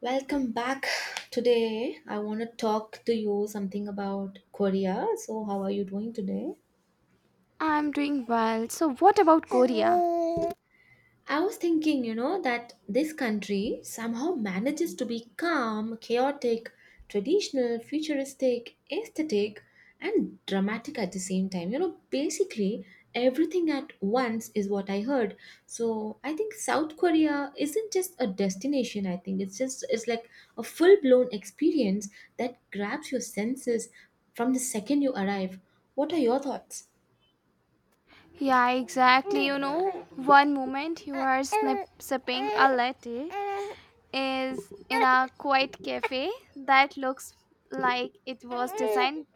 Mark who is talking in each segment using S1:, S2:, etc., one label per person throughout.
S1: Welcome back. Today, I want to talk to you something about Korea. So, how are you doing today?
S2: I'm doing well. So, what about Korea?
S1: I was thinking, you know, that this country somehow manages to be calm, chaotic, traditional, futuristic, aesthetic, and dramatic at the same time. You know, basically everything at once is what I heard. So I think South Korea isn't just a destination. I think it's like a full blown experience that grabs your senses from the second you arrive. What are your thoughts?
S2: Yeah, exactly. You know, one moment you are sipping a latte is in a quiet cafe that looks like it was designed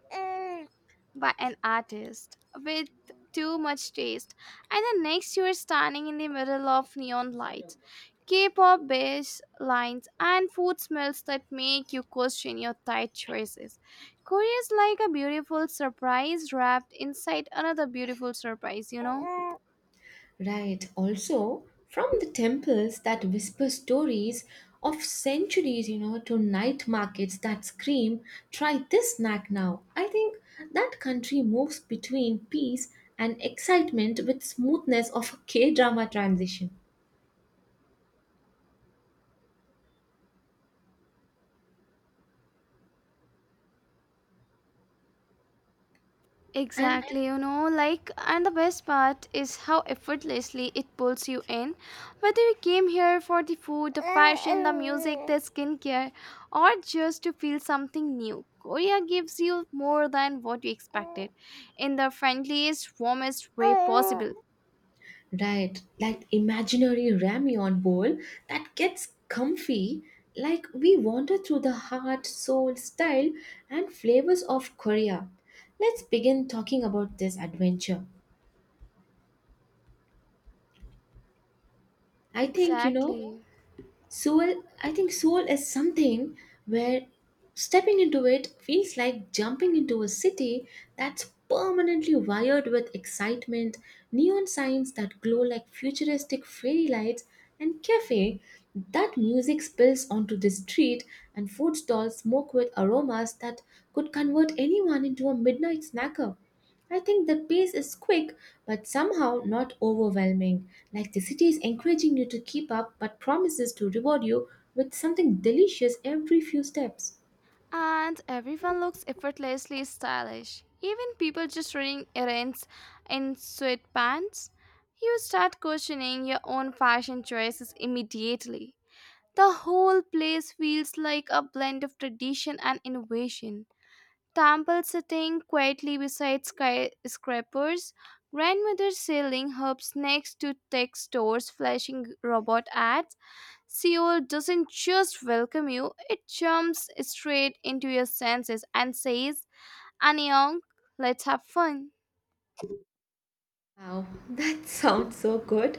S2: by an artist with too much taste, and the next you are standing in the middle of neon lights. K-pop bass lines and food smells that make you question your diet choices. Korea is like a beautiful surprise wrapped inside another beautiful surprise, you know?
S1: Right. Also, from the temples that whisper stories of centuries, you know, to night markets that scream, try this snack now. I think that country moves between peace and excitement with smoothness of a K drama transition. And
S2: Exactly, you know, like, and the best part is how effortlessly it pulls you in. Whether you came here for the food, the fashion, the music, the skincare, or just to feel something new, Korea gives you more than what you expected in the friendliest, warmest way possible.
S1: right, like imaginary ramyeon bowl that gets comfy. Like we wander through the heart, soul, style, and flavors of Korea. Let's begin talking about this adventure. I think, you know,
S2: Exactly.
S1: soul I think soul is something where stepping into it feels like jumping into a city that's permanently wired with excitement, neon signs that glow like futuristic fairy lights, and cafe that music spills onto the street, and food stalls smoke with aromas that could convert anyone into a midnight snacker. I think the pace is quick but somehow not overwhelming, like the city is encouraging you to keep up but promises to reward you with something delicious every few steps.
S2: And everyone looks effortlessly stylish. Even people just running errands in sweatpants. You start questioning your own fashion choices immediately. The whole place feels like a blend of tradition and innovation. Temple sitting quietly beside skyscrapers, grandmother selling herbs next to tech stores flashing robot ads, Seoul doesn't just welcome you, it jumps straight into your senses and says, Annyeong, let's have fun.
S1: Wow, that sounds so good.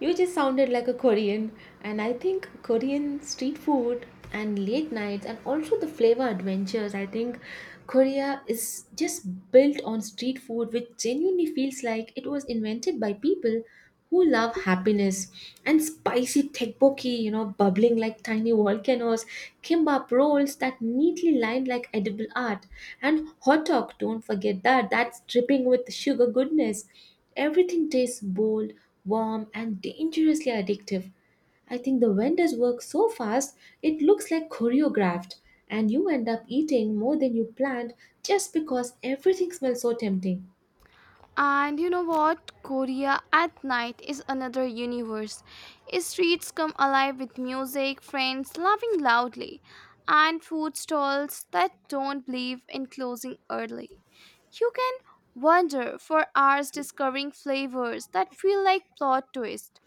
S1: You just sounded like a Korean, and I think Korean street food and late nights and also the flavor adventures. I think Korea is just built on street food, which genuinely feels like it was invented by people who love happiness. And spicy tteokbokki, you know, bubbling like tiny volcanoes, kimbap rolls that neatly lined like edible art, and hot dog, don't forget that, that's dripping with sugar goodness. Everything tastes bold, warm, and dangerously addictive. I think the vendors work so fast it looks like choreographed, and you end up eating more than you planned just because everything smells so tempting.
S2: And you know what? Korea at night is another universe. Streets come alive with music, friends laughing loudly, and food stalls that don't believe in closing early. You can wander for hours discovering flavors that feel like plot twists.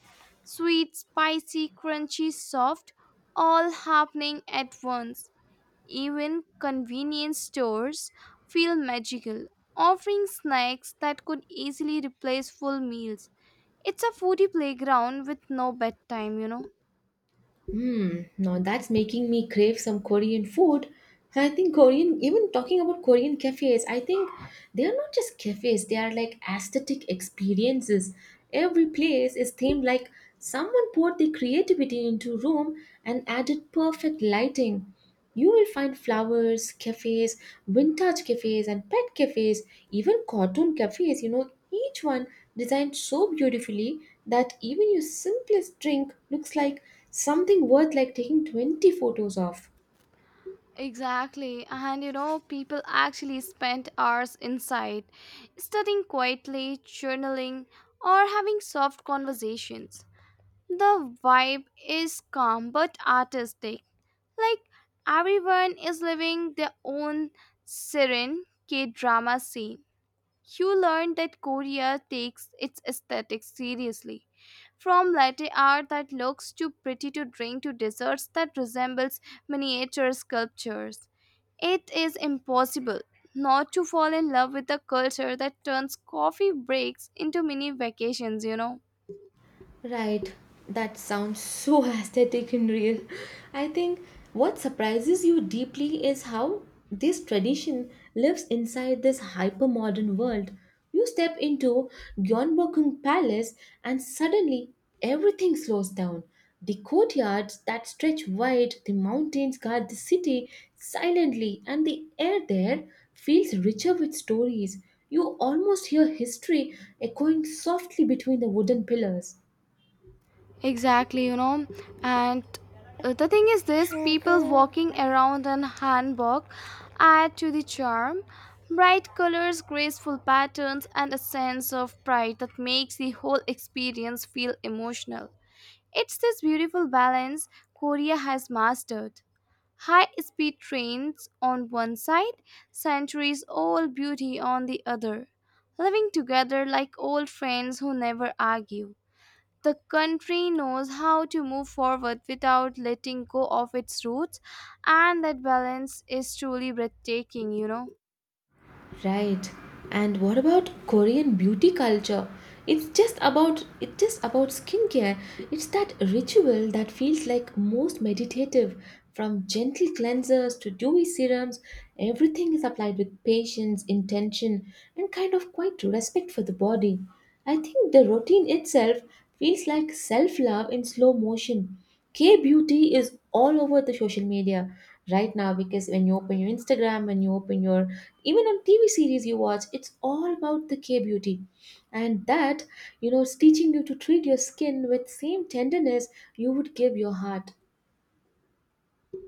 S2: Sweet, spicy, crunchy, soft, all happening at once. Even convenience stores feel magical, offering snacks that could easily replace full meals. It's a foodie playground with no bedtime, you know.
S1: Hmm, now that's making me crave some Korean food. I think Korean, even talking about Korean cafes, I think they are not just cafes, they are like aesthetic experiences. Every place is themed like someone poured their creativity into room and added perfect lighting. You will find flowers cafes, vintage cafes, and pet cafes, even cartoon cafes, you know, each one designed so beautifully that even your simplest drink looks like something worth like taking 20 photos of.
S2: Exactly, and you know, people actually spend hours inside, studying quietly, journaling, or having soft conversations. The vibe is calm but artistic, like everyone is living their own serene K drama scene. You learn that Korea takes its aesthetics seriously. From latte art that looks too pretty to drink to desserts that resembles miniature sculptures. It is impossible not to fall in love with a culture that turns coffee breaks into mini vacations, you know.
S1: Right, that sounds so aesthetic and real. I think what surprises you deeply is how this tradition lives inside this hypermodern world. You step into Gyeongbokgung Palace and suddenly everything slows down. The courtyards that stretch wide, the mountains guard the city silently, and the air there feels richer with stories. You almost hear history echoing softly between the wooden pillars.
S2: Exactly, you know. And the thing is this people walking around in hanbok add to the charm. Bright colors, graceful patterns, and a sense of pride that makes the whole experience feel emotional. It's this beautiful balance Korea has mastered. High speed trains on one side, centuries old beauty on the other, living together like old friends who never argue. The country knows how to move forward without letting go of its roots, and that balance is truly breathtaking, you know.
S1: Right. And what about Korean beauty culture? It's just about skincare. It's that ritual that feels like most meditative. From gentle cleansers to dewy serums, everything is applied with patience, intention, and kind of quite respect for the body. I think the routine itself feels like self-love in slow motion. K beauty is all over the social media right now because when you open your Instagram, when you open your, even on TV series you watch, it's all about the K beauty. And that, you know, is teaching you to treat your skin with same tenderness you would give your heart.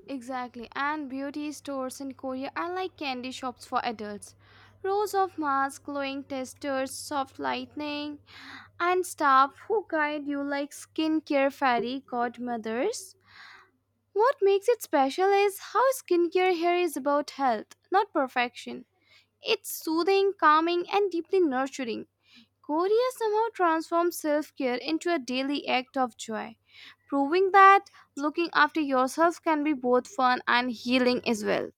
S2: Exactly, and beauty stores in Korea are like candy shops for adults. Rows of masks, glowing testers, soft lightning, and staff who guide you like skincare fairy godmothers. What makes it special is how skincare here is about health, not perfection. It's soothing, calming, and deeply nurturing. Korea somehow transforms self care into a daily act of joy, proving that looking after yourself can be both fun and healing as well.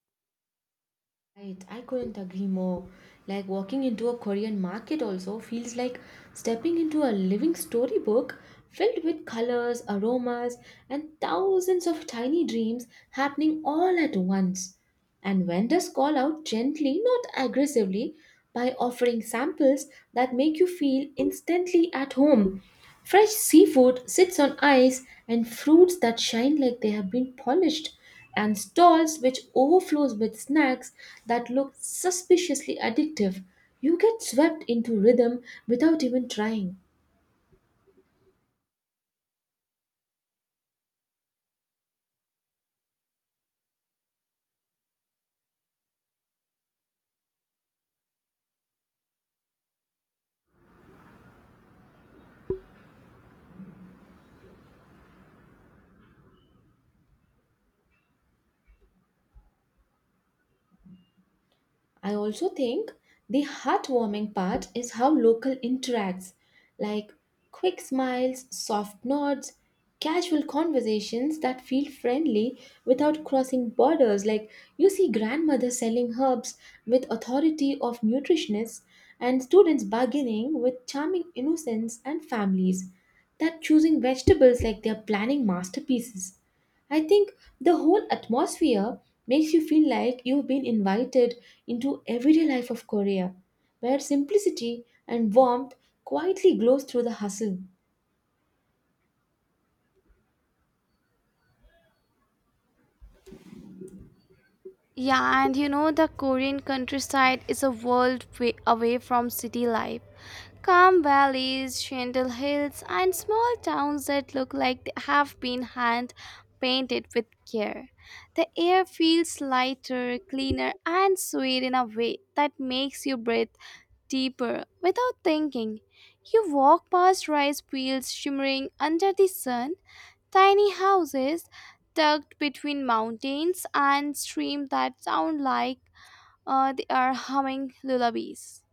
S1: Right, I couldn't agree more. Like walking into a Korean market also feels like stepping into a living storybook filled with colors, aromas, and thousands of tiny dreams happening all at once. And vendors call out gently, not aggressively, by offering samples that make you feel instantly at home. Fresh seafood sits on ice, and fruits that shine like they have been polished, and stalls which overflows with snacks that look suspiciously addictive. You get swept into rhythm without even trying. I also think the heartwarming part is how local interacts, like quick smiles, soft nods, casual conversations that feel friendly without crossing borders. Like you see grandmother selling herbs with authority of nutritionists, and students bargaining with charming innocence, and families that choosing vegetables like they're planning masterpieces. I think the whole atmosphere makes you feel like you've been invited into everyday life of Korea, where simplicity and warmth quietly glows through the hustle.
S2: Yeah, and you know, the Korean countryside is a world way away from city life. Calm valleys, gentle hills, and small towns that look like they have been hand painted with care. The air feels lighter, cleaner, and sweet in a way that makes you breathe deeper without thinking. You walk past rice fields shimmering under the sun, tiny houses tucked between mountains and streams that sound like they are humming lullabies.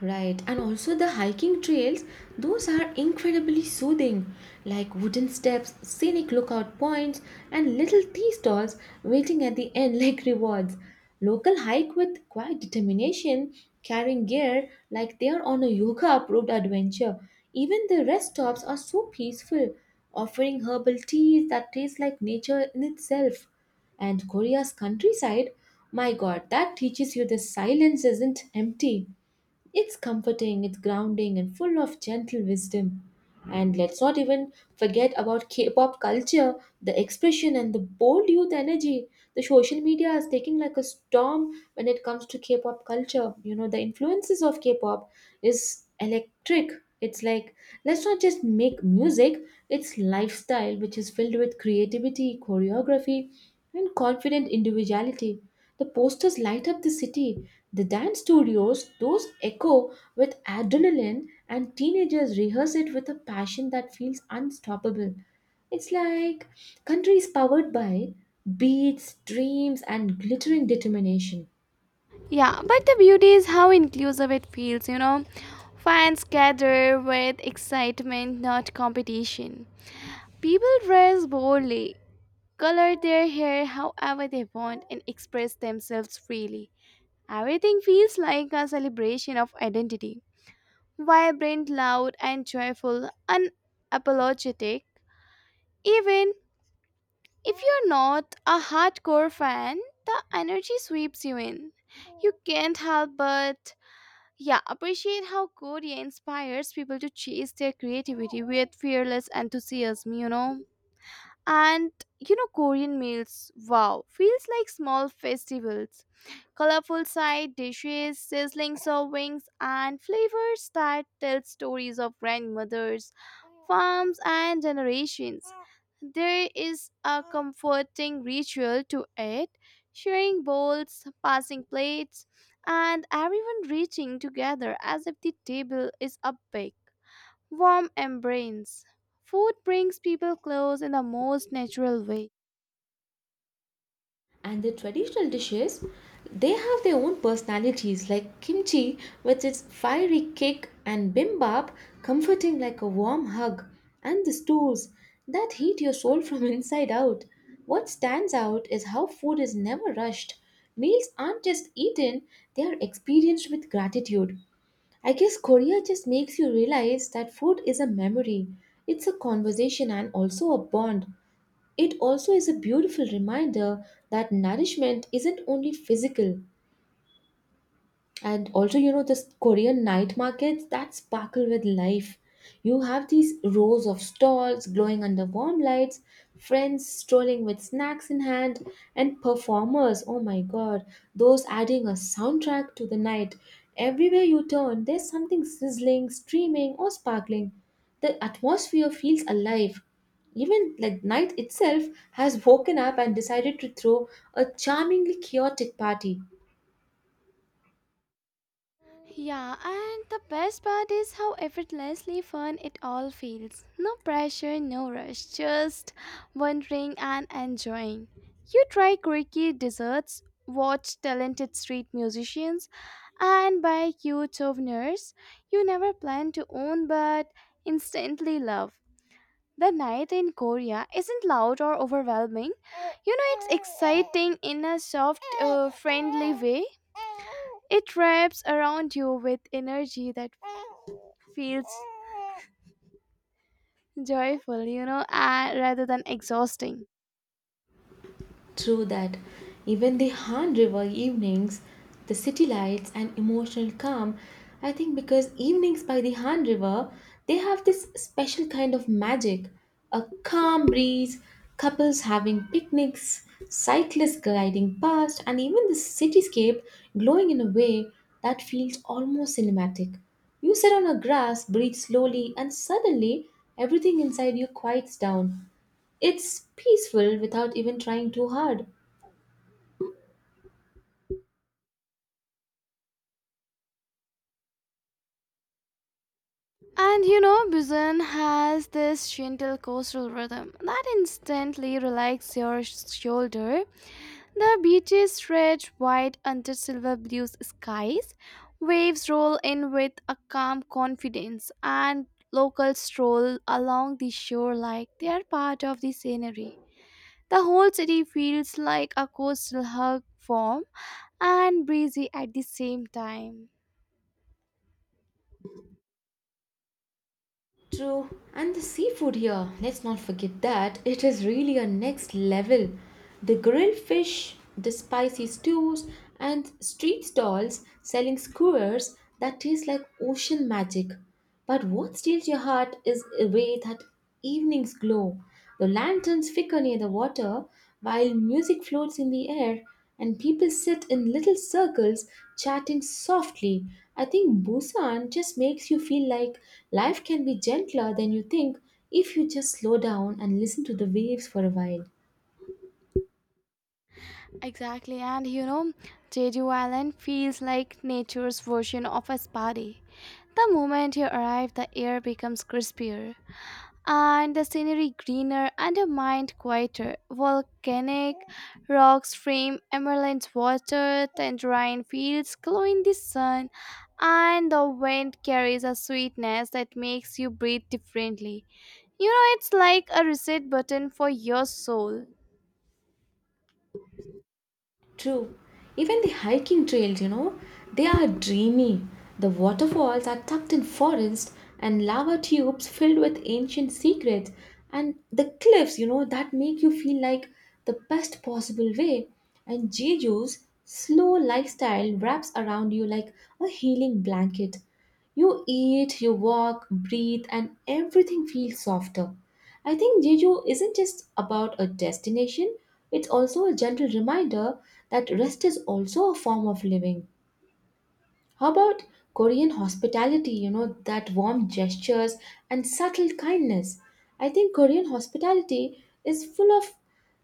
S1: Right, and also the hiking trails, those are incredibly soothing, like wooden steps, scenic lookout points, and little tea stalls waiting at the end like rewards. Local hike with quiet determination, carrying gear like they are on a yoga approved adventure. Even the rest stops are so peaceful, offering herbal teas that taste like nature in itself. And Korea's countryside, my god, that teaches you the silence isn't empty. It's comforting, it's grounding, and full of gentle wisdom. And let's not even forget about K pop culture, the expression, and the bold youth energy. The social media is taking like a storm when it comes to K pop culture. You know, the influences of K pop is electric. It's like, let's not just make music, it's lifestyle, which is filled with creativity, choreography, and confident individuality. The posters light up the city. The dance studios, those echo with adrenaline, and teenagers rehearse it with a passion that feels unstoppable. It's like country is powered by beats, dreams, and glittering determination.
S2: Yeah, but the beauty is how inclusive it feels, you know. Fans gather with excitement, not competition. People dress boldly, color their hair however they want, and express themselves freely. Everything feels like a celebration of identity. Vibrant, loud, and joyful, unapologetic. Even if you're not a hardcore fan, the energy sweeps you in. You can't help but yeah, appreciate how Korea inspires people to chase their creativity with fearless enthusiasm, you know? And you know, Korean meals, wow, feels like small festivals, colorful side dishes, sizzling servings, and flavors that tell stories of grandmothers, farms, and generations. There is a comforting ritual to it, sharing bowls, passing plates, and everyone reaching together as if the table is a big warm embrace. Food brings people close in the most natural way.
S1: And the traditional dishes, they have their own personalities, like kimchi with its fiery kick, and bimbap comforting like a warm hug, and the stews that heat your soul from inside out. What stands out is how food is never rushed. Meals aren't just eaten, they are experienced with gratitude. I guess Korea just makes you realize that food is a memory. It's a conversation and also a bond. It also is a beautiful reminder that nourishment isn't only physical. And also, you know, this korean night markets that sparkle with life. You have these rows of stalls glowing under warm lights, friends strolling with snacks in hand, and performers, oh my god, those adding a soundtrack to the night. Everywhere you turn there's something sizzling, streaming, or sparkling. The atmosphere feels alive, even like night itself has woken up and decided to throw a charmingly chaotic party.
S2: Yeah, and the best part is how effortlessly fun it all feels. No pressure, no rush, just wondering and enjoying. You try quirky desserts, watch talented street musicians, and buy cute souvenirs you never planned to own but instantly love. The night in Korea isn't loud or overwhelming. You know, it's exciting in a soft, friendly way. It wraps around you with energy that feels joyful, you know, rather than exhausting.
S1: True that. Even the Han River evenings, the city lights and emotional calm, I think because evenings by the Han River, they have this special kind of magic. A calm breeze, couples having picnics, cyclists gliding past, and even the cityscape glowing in a way that feels almost cinematic. You sit on a grass, breathe slowly, and suddenly everything inside you quiets down. It's peaceful without even trying too hard.
S2: And you know, Busan has this gentle coastal rhythm that instantly relaxes your shoulder. The beaches stretch wide under silver blue skies. Waves roll in with a calm confidence, and locals stroll along the shore like they are part of the scenery. The whole city feels like a coastal hug form and breezy at the same time.
S1: True. And the seafood here, let's not forget that. It is really a next level. The grilled fish, the spicy stews, and street stalls selling skewers that taste like ocean magic. But what steals your heart is away that evening's glow. The lanterns flicker near the water while music floats in the air, and people sit in little circles chatting softly. I think Busan just makes you feel like life can be gentler than you think if you just slow down and listen to the waves for a while.
S2: Exactly, and you know, Jeju Island feels like nature's version of a spa day. The moment you arrive, the air becomes crispier, and the scenery greener, and your mind quieter. Volcanic rocks frame emerald water, tangerine fields glow in the sun, and the wind carries a sweetness that makes you breathe differently. You know, it's like a reset button for your soul.
S1: True. Even the hiking trails, you know, they are dreamy. The waterfalls are tucked in forest and lava tubes filled with ancient secrets. And the cliffs, you know, that make you feel like the best possible way. And Jeju's slow lifestyle wraps around you like a healing blanket. You eat, you walk, breathe, and everything feels softer. I think Jeju isn't just about a destination, it's also a gentle reminder that rest is also a form of living. How about Korean hospitality? You know, that warm gestures and subtle kindness. I think Korean hospitality is full of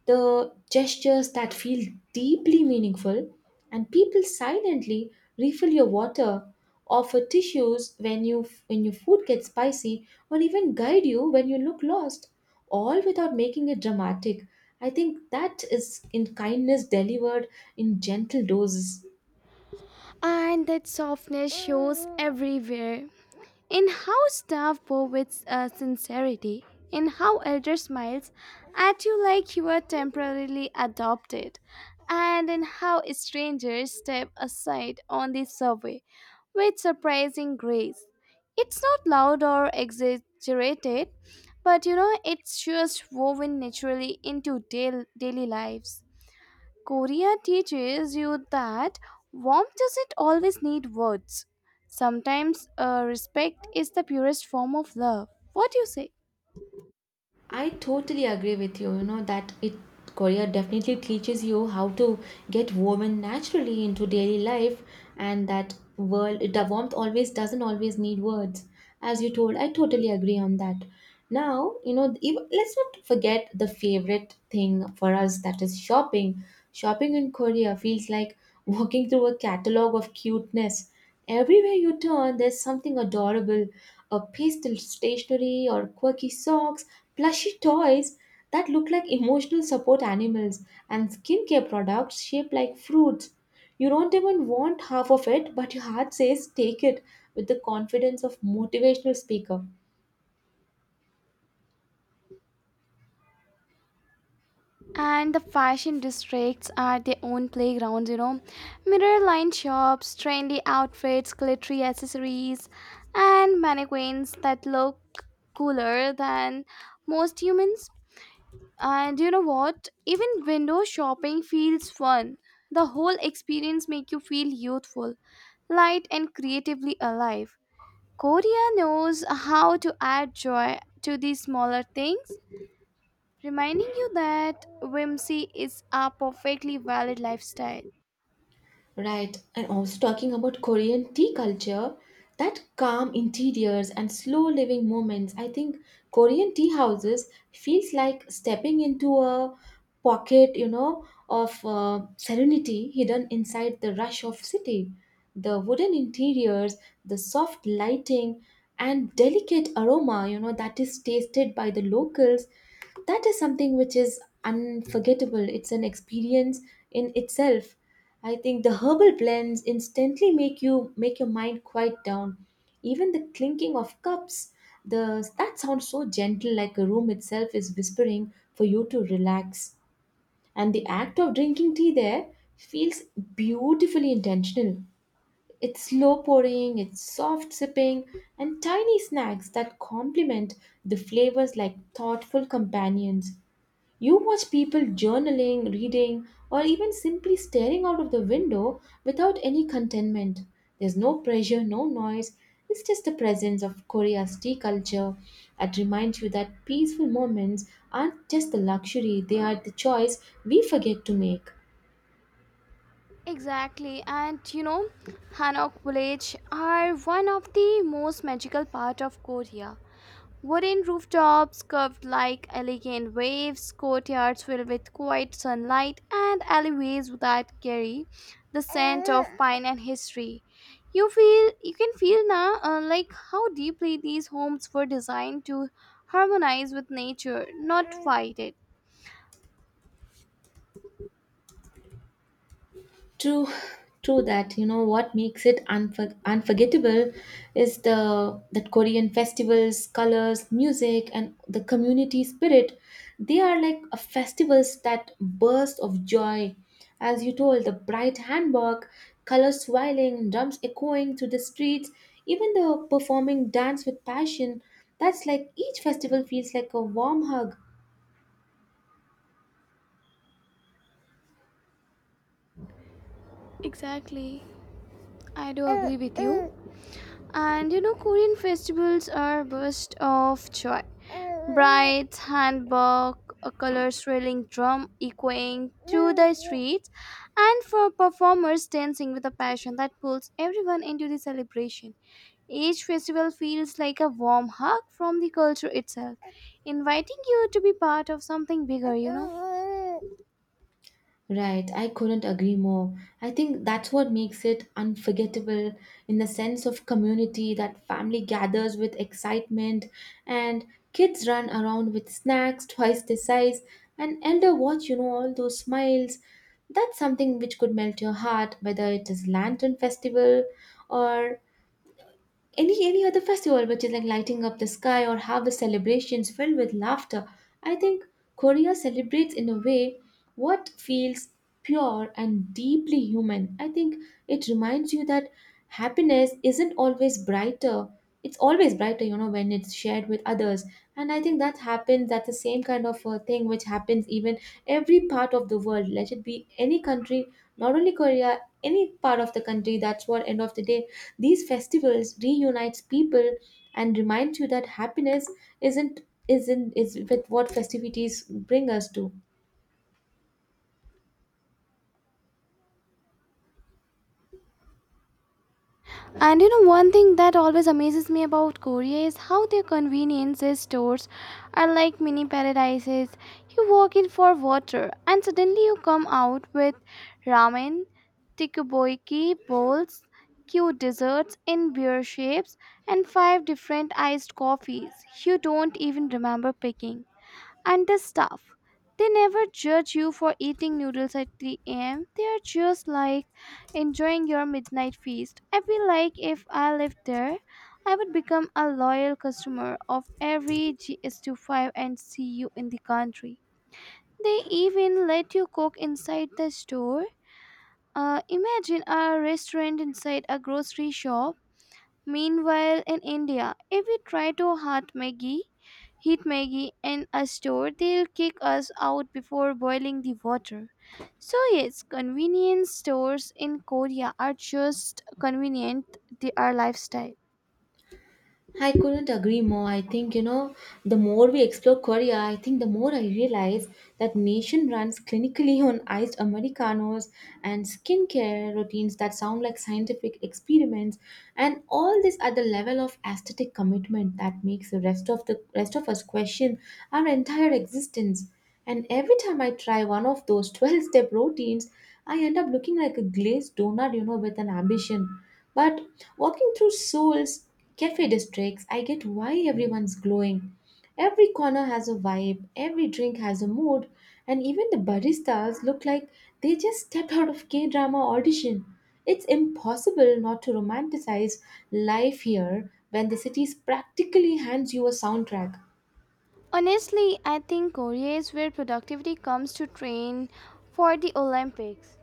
S1: the gestures that feel deeply meaningful, and people silently refill your water, offer tissues when your food gets spicy, or even guide you when you look lost, all without making it dramatic. I think that is in kindness delivered in gentle doses.
S2: And that softness shows everywhere, in how staff bow with sincerity, in how elder smiles at you like you are temporarily adopted, and in how strangers step aside on the survey with surprising grace. It's not loud or exaggerated, but you know, it's just woven naturally into daily lives. Korea teaches you that warmth doesn't always need words. Sometimes respect is the purest form of love. What do you say?
S1: I totally agree with you. You know that it Korea definitely teaches you how to get woven naturally into daily life, and that world the warmth always doesn't always need words. As you told, I totally agree on that. Now you know. Let's not forget the favorite thing for us that is shopping. Shopping in Korea feels like walking through a catalog of cuteness. Everywhere you turn, there's something adorable, a pastel stationery or quirky socks, plushy toys that look like emotional support animals, and skincare products shaped like fruits. You don't even want half of it, but your heart says take it with the confidence of motivational speaker.
S2: And the fashion districts are their own playgrounds, you know. Mirror lined shops, trendy outfits, glittery accessories, and mannequins that look cooler than most humans. And you know what, even window shopping feels fun. The whole experience make you feel youthful, light, and creatively alive. Korea knows how to add joy to these smaller things, reminding you that whimsy is a perfectly valid lifestyle.
S1: Right, and also talking about Korean tea culture, that calm interiors and slow living moments. I think Korean tea houses feels like stepping into a pocket, you know, of serenity hidden inside the rush of city. The wooden interiors, the soft lighting, and delicate aroma, you know, that is tasted by the locals, that is something which is unforgettable. It's an experience in itself. I think the herbal blends instantly make you make your mind quiet down. Even the clinking of cups, the that sounds so gentle, like a room itself is whispering for you to relax. And the act of drinking tea there feels beautifully intentional. It's slow pouring, it's soft sipping, and tiny snacks that complement the flavors like thoughtful companions. You watch people journaling, reading, or even simply staring out of the window without any contentment. There's no pressure, no noise. It's just the presence of Korea's tea culture that reminds you that peaceful moments aren't just the luxury, they are the choice we forget to make.
S2: Exactly, and you know, hanok village are one of the most magical part of Korea. Wooden rooftops curved like elegant waves, courtyards filled with quiet sunlight, and alleyways that carry the scent of pine and history. You can feel now like how deeply these homes were designed to harmonize with nature, not fight it.
S1: True, true that. You know what makes it unforgettable is the that Korean festivals, colors, music, and the community spirit. They are like a festivals that burst of joy. As you told, the bright handbag, colors swirling, drums echoing through the streets, even the performing dance with passion. That's like each festival feels like a warm hug.
S2: Exactly. I do agree with you. And you know, Korean festivals are a burst of joy. Brides, handbag, a color swirling drum echoing through the streets, and for performers dancing with a passion that pulls everyone into the celebration. Each festival feels like a warm hug from the culture itself, inviting you to be part of something bigger, you know.
S1: Right, I couldn't agree more. I think that's what makes it unforgettable in the sense of community that family gathers with excitement and kids run around with snacks twice the size and elder watch, you know, all those smiles. That's something which could melt your heart, whether it is Lantern Festival or any other festival which is like lighting up the sky or harvest celebrations filled with laughter. I think Korea celebrates in a way what feels pure and deeply human. I think it reminds you that happiness isn't always brighter, it's always brighter, you know, when it's shared with others. And I think that happens, that's the same kind of thing which happens even every part of the world. Let it be any country, not only Korea, any part of the country, that's what end of the day these festivals reunites people and reminds you that happiness isn't isn't is with what festivities bring us to.
S2: And you know, one thing that always amazes me about Korea is how their convenience stores are like mini paradises. You walk in for water, and suddenly you come out with ramen, tteokbokki bowls, cute desserts in beer shapes, and five different iced coffees you don't even remember picking. And the staff, they never judge you for eating noodles at 3 a.m. They are just like enjoying your midnight feast. I feel like if I lived there, I would become a loyal customer of every GS25 and see you in the country. They even let you cook inside the store. Imagine a restaurant inside a grocery shop. Meanwhile, in India, if we try to heat Maggie in a store, they'll kick us out before boiling the water. So, yes, convenience stores in Korea are just convenient, they are lifestyle.
S1: I couldn't agree more. I think, you know, the more we explore Korea, I think the more I realize that nation runs clinically on iced Americanos and skincare routines that sound like scientific experiments, and all this at the level of aesthetic commitment that makes the rest of us question our entire existence. And every time I try one of those 12 step routines, I end up looking like a glazed donut, you know, with an ambition. But walking through Seoul's cafe districts, I get why everyone's glowing. Every corner has a vibe, every drink has a mood, and even the baristas look like they just stepped out of K drama audition. It's impossible not to romanticize life here when the city practically hands you a soundtrack.
S2: Honestly, I think Korea is where productivity comes to train for the Olympics.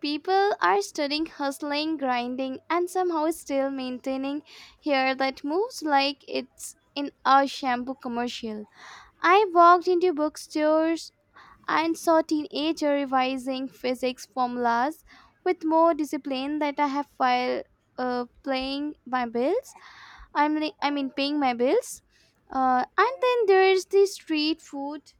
S2: People are studying, hustling, grinding, and somehow still maintaining hair that moves like it's in a shampoo commercial. I walked into bookstores and saw teenagers revising physics formulas with more discipline than I have while playing my bills. I mean paying my bills. And then there's the street food,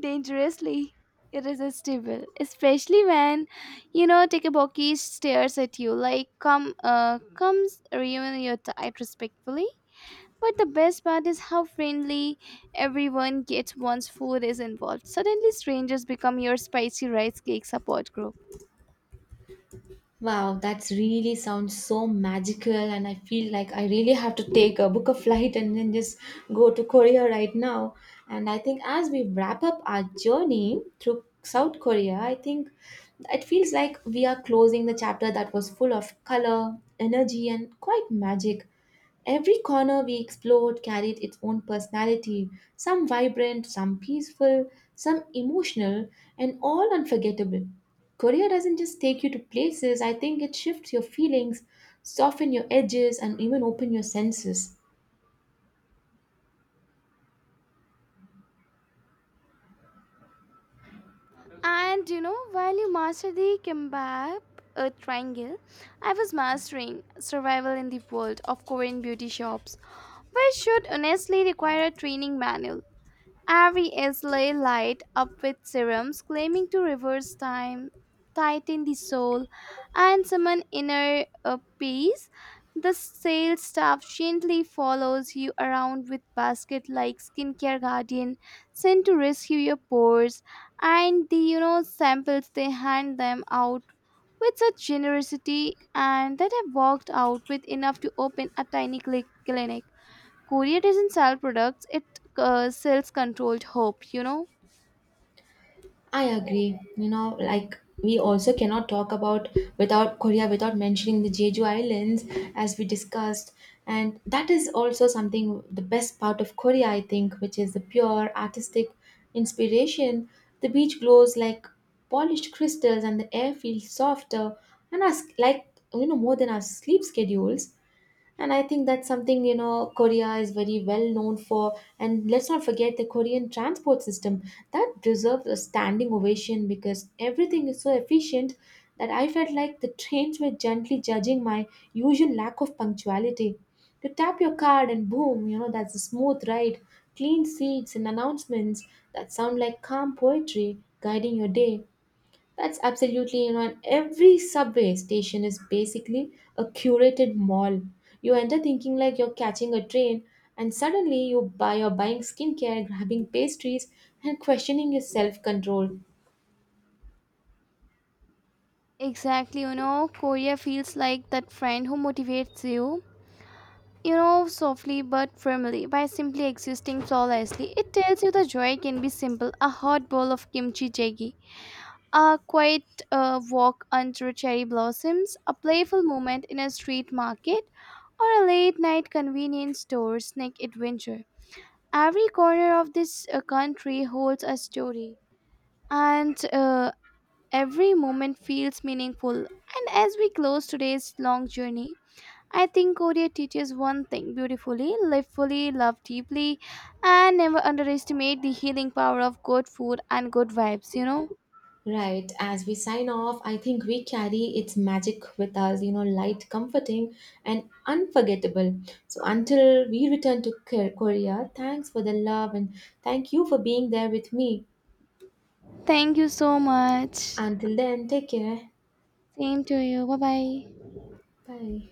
S2: dangerously irresistible, especially when you know Takaboki stares at you like comes ruin your diet respectfully. But the best part is how friendly everyone gets once food is involved. Suddenly, strangers become your spicy rice cake support group.
S1: Wow, that's really sounds so magical, and I feel like I really have to take a book a flight and then just go to Korea right now. And I think as we wrap up our journey through South Korea, I think it feels like we are closing the chapter that was full of color, energy, and quite magic. Every corner we explored carried its own personality, some vibrant, some peaceful, some emotional, and all unforgettable. Korea doesn't just take you to places, I think it shifts your feelings, soften your edges, and even open your senses.
S2: And you know, while you master the kimbap triangle, I was mastering survival in the world of Korean beauty shops, which should honestly require a training manual. Avi Islay light up with serums claiming to reverse time, tighten the soul, and summon inner peace. The sales staff gently follows you around with basket like skincare guardian sent to rescue your pores, and the, you know, samples, they hand them out with such generosity, and that I walked out with enough to open a tiny clinic. Korea doesn't sell products, it sells controlled hope, you know?
S1: I agree. You know, like we also cannot talk about without Korea without mentioning the Jeju Islands as we discussed. And that is also something the best part of Korea, I think, which is the pure artistic inspiration. The beach glows like polished crystals and the air feels softer and us like, you know, more than our sleep schedules. And I think that's something, you know, Korea is very well known for. And let's not forget the Korean transport system that deserves a standing ovation because everything is so efficient that I felt like the trains were gently judging my usual lack of punctuality. You tap your card and boom, you know, that's a smooth ride, clean seats, and announcements that sound like calm poetry guiding your day. That's absolutely, you know, and every subway station is basically a curated mall. You enter thinking like you're catching a train, and suddenly you're buying skincare, grabbing pastries, and questioning your self-control.
S2: Exactly, you know, Korea feels like that friend who motivates you, you know, softly but firmly by simply existing flawlessly. It tells you the joy can be simple, a hot bowl of kimchi jjigae, a quiet walk under cherry blossoms, a playful moment in a street market, or a late night convenience store snack adventure. Every corner of this country holds a story. And Every moment feels meaningful. And as we close today's long journey, I think Korea teaches one thing beautifully, live fully, love deeply, and never underestimate the healing power of good food and good vibes, you know?
S1: Right, as we sign off, I think we carry its magic with us, you know, light, comforting, and unforgettable. So until we return to Korea, thanks for the love and thank you for being there with me.
S2: Thank you so much.
S1: Until then, take care.
S2: Same to you. Bye bye.
S1: Bye.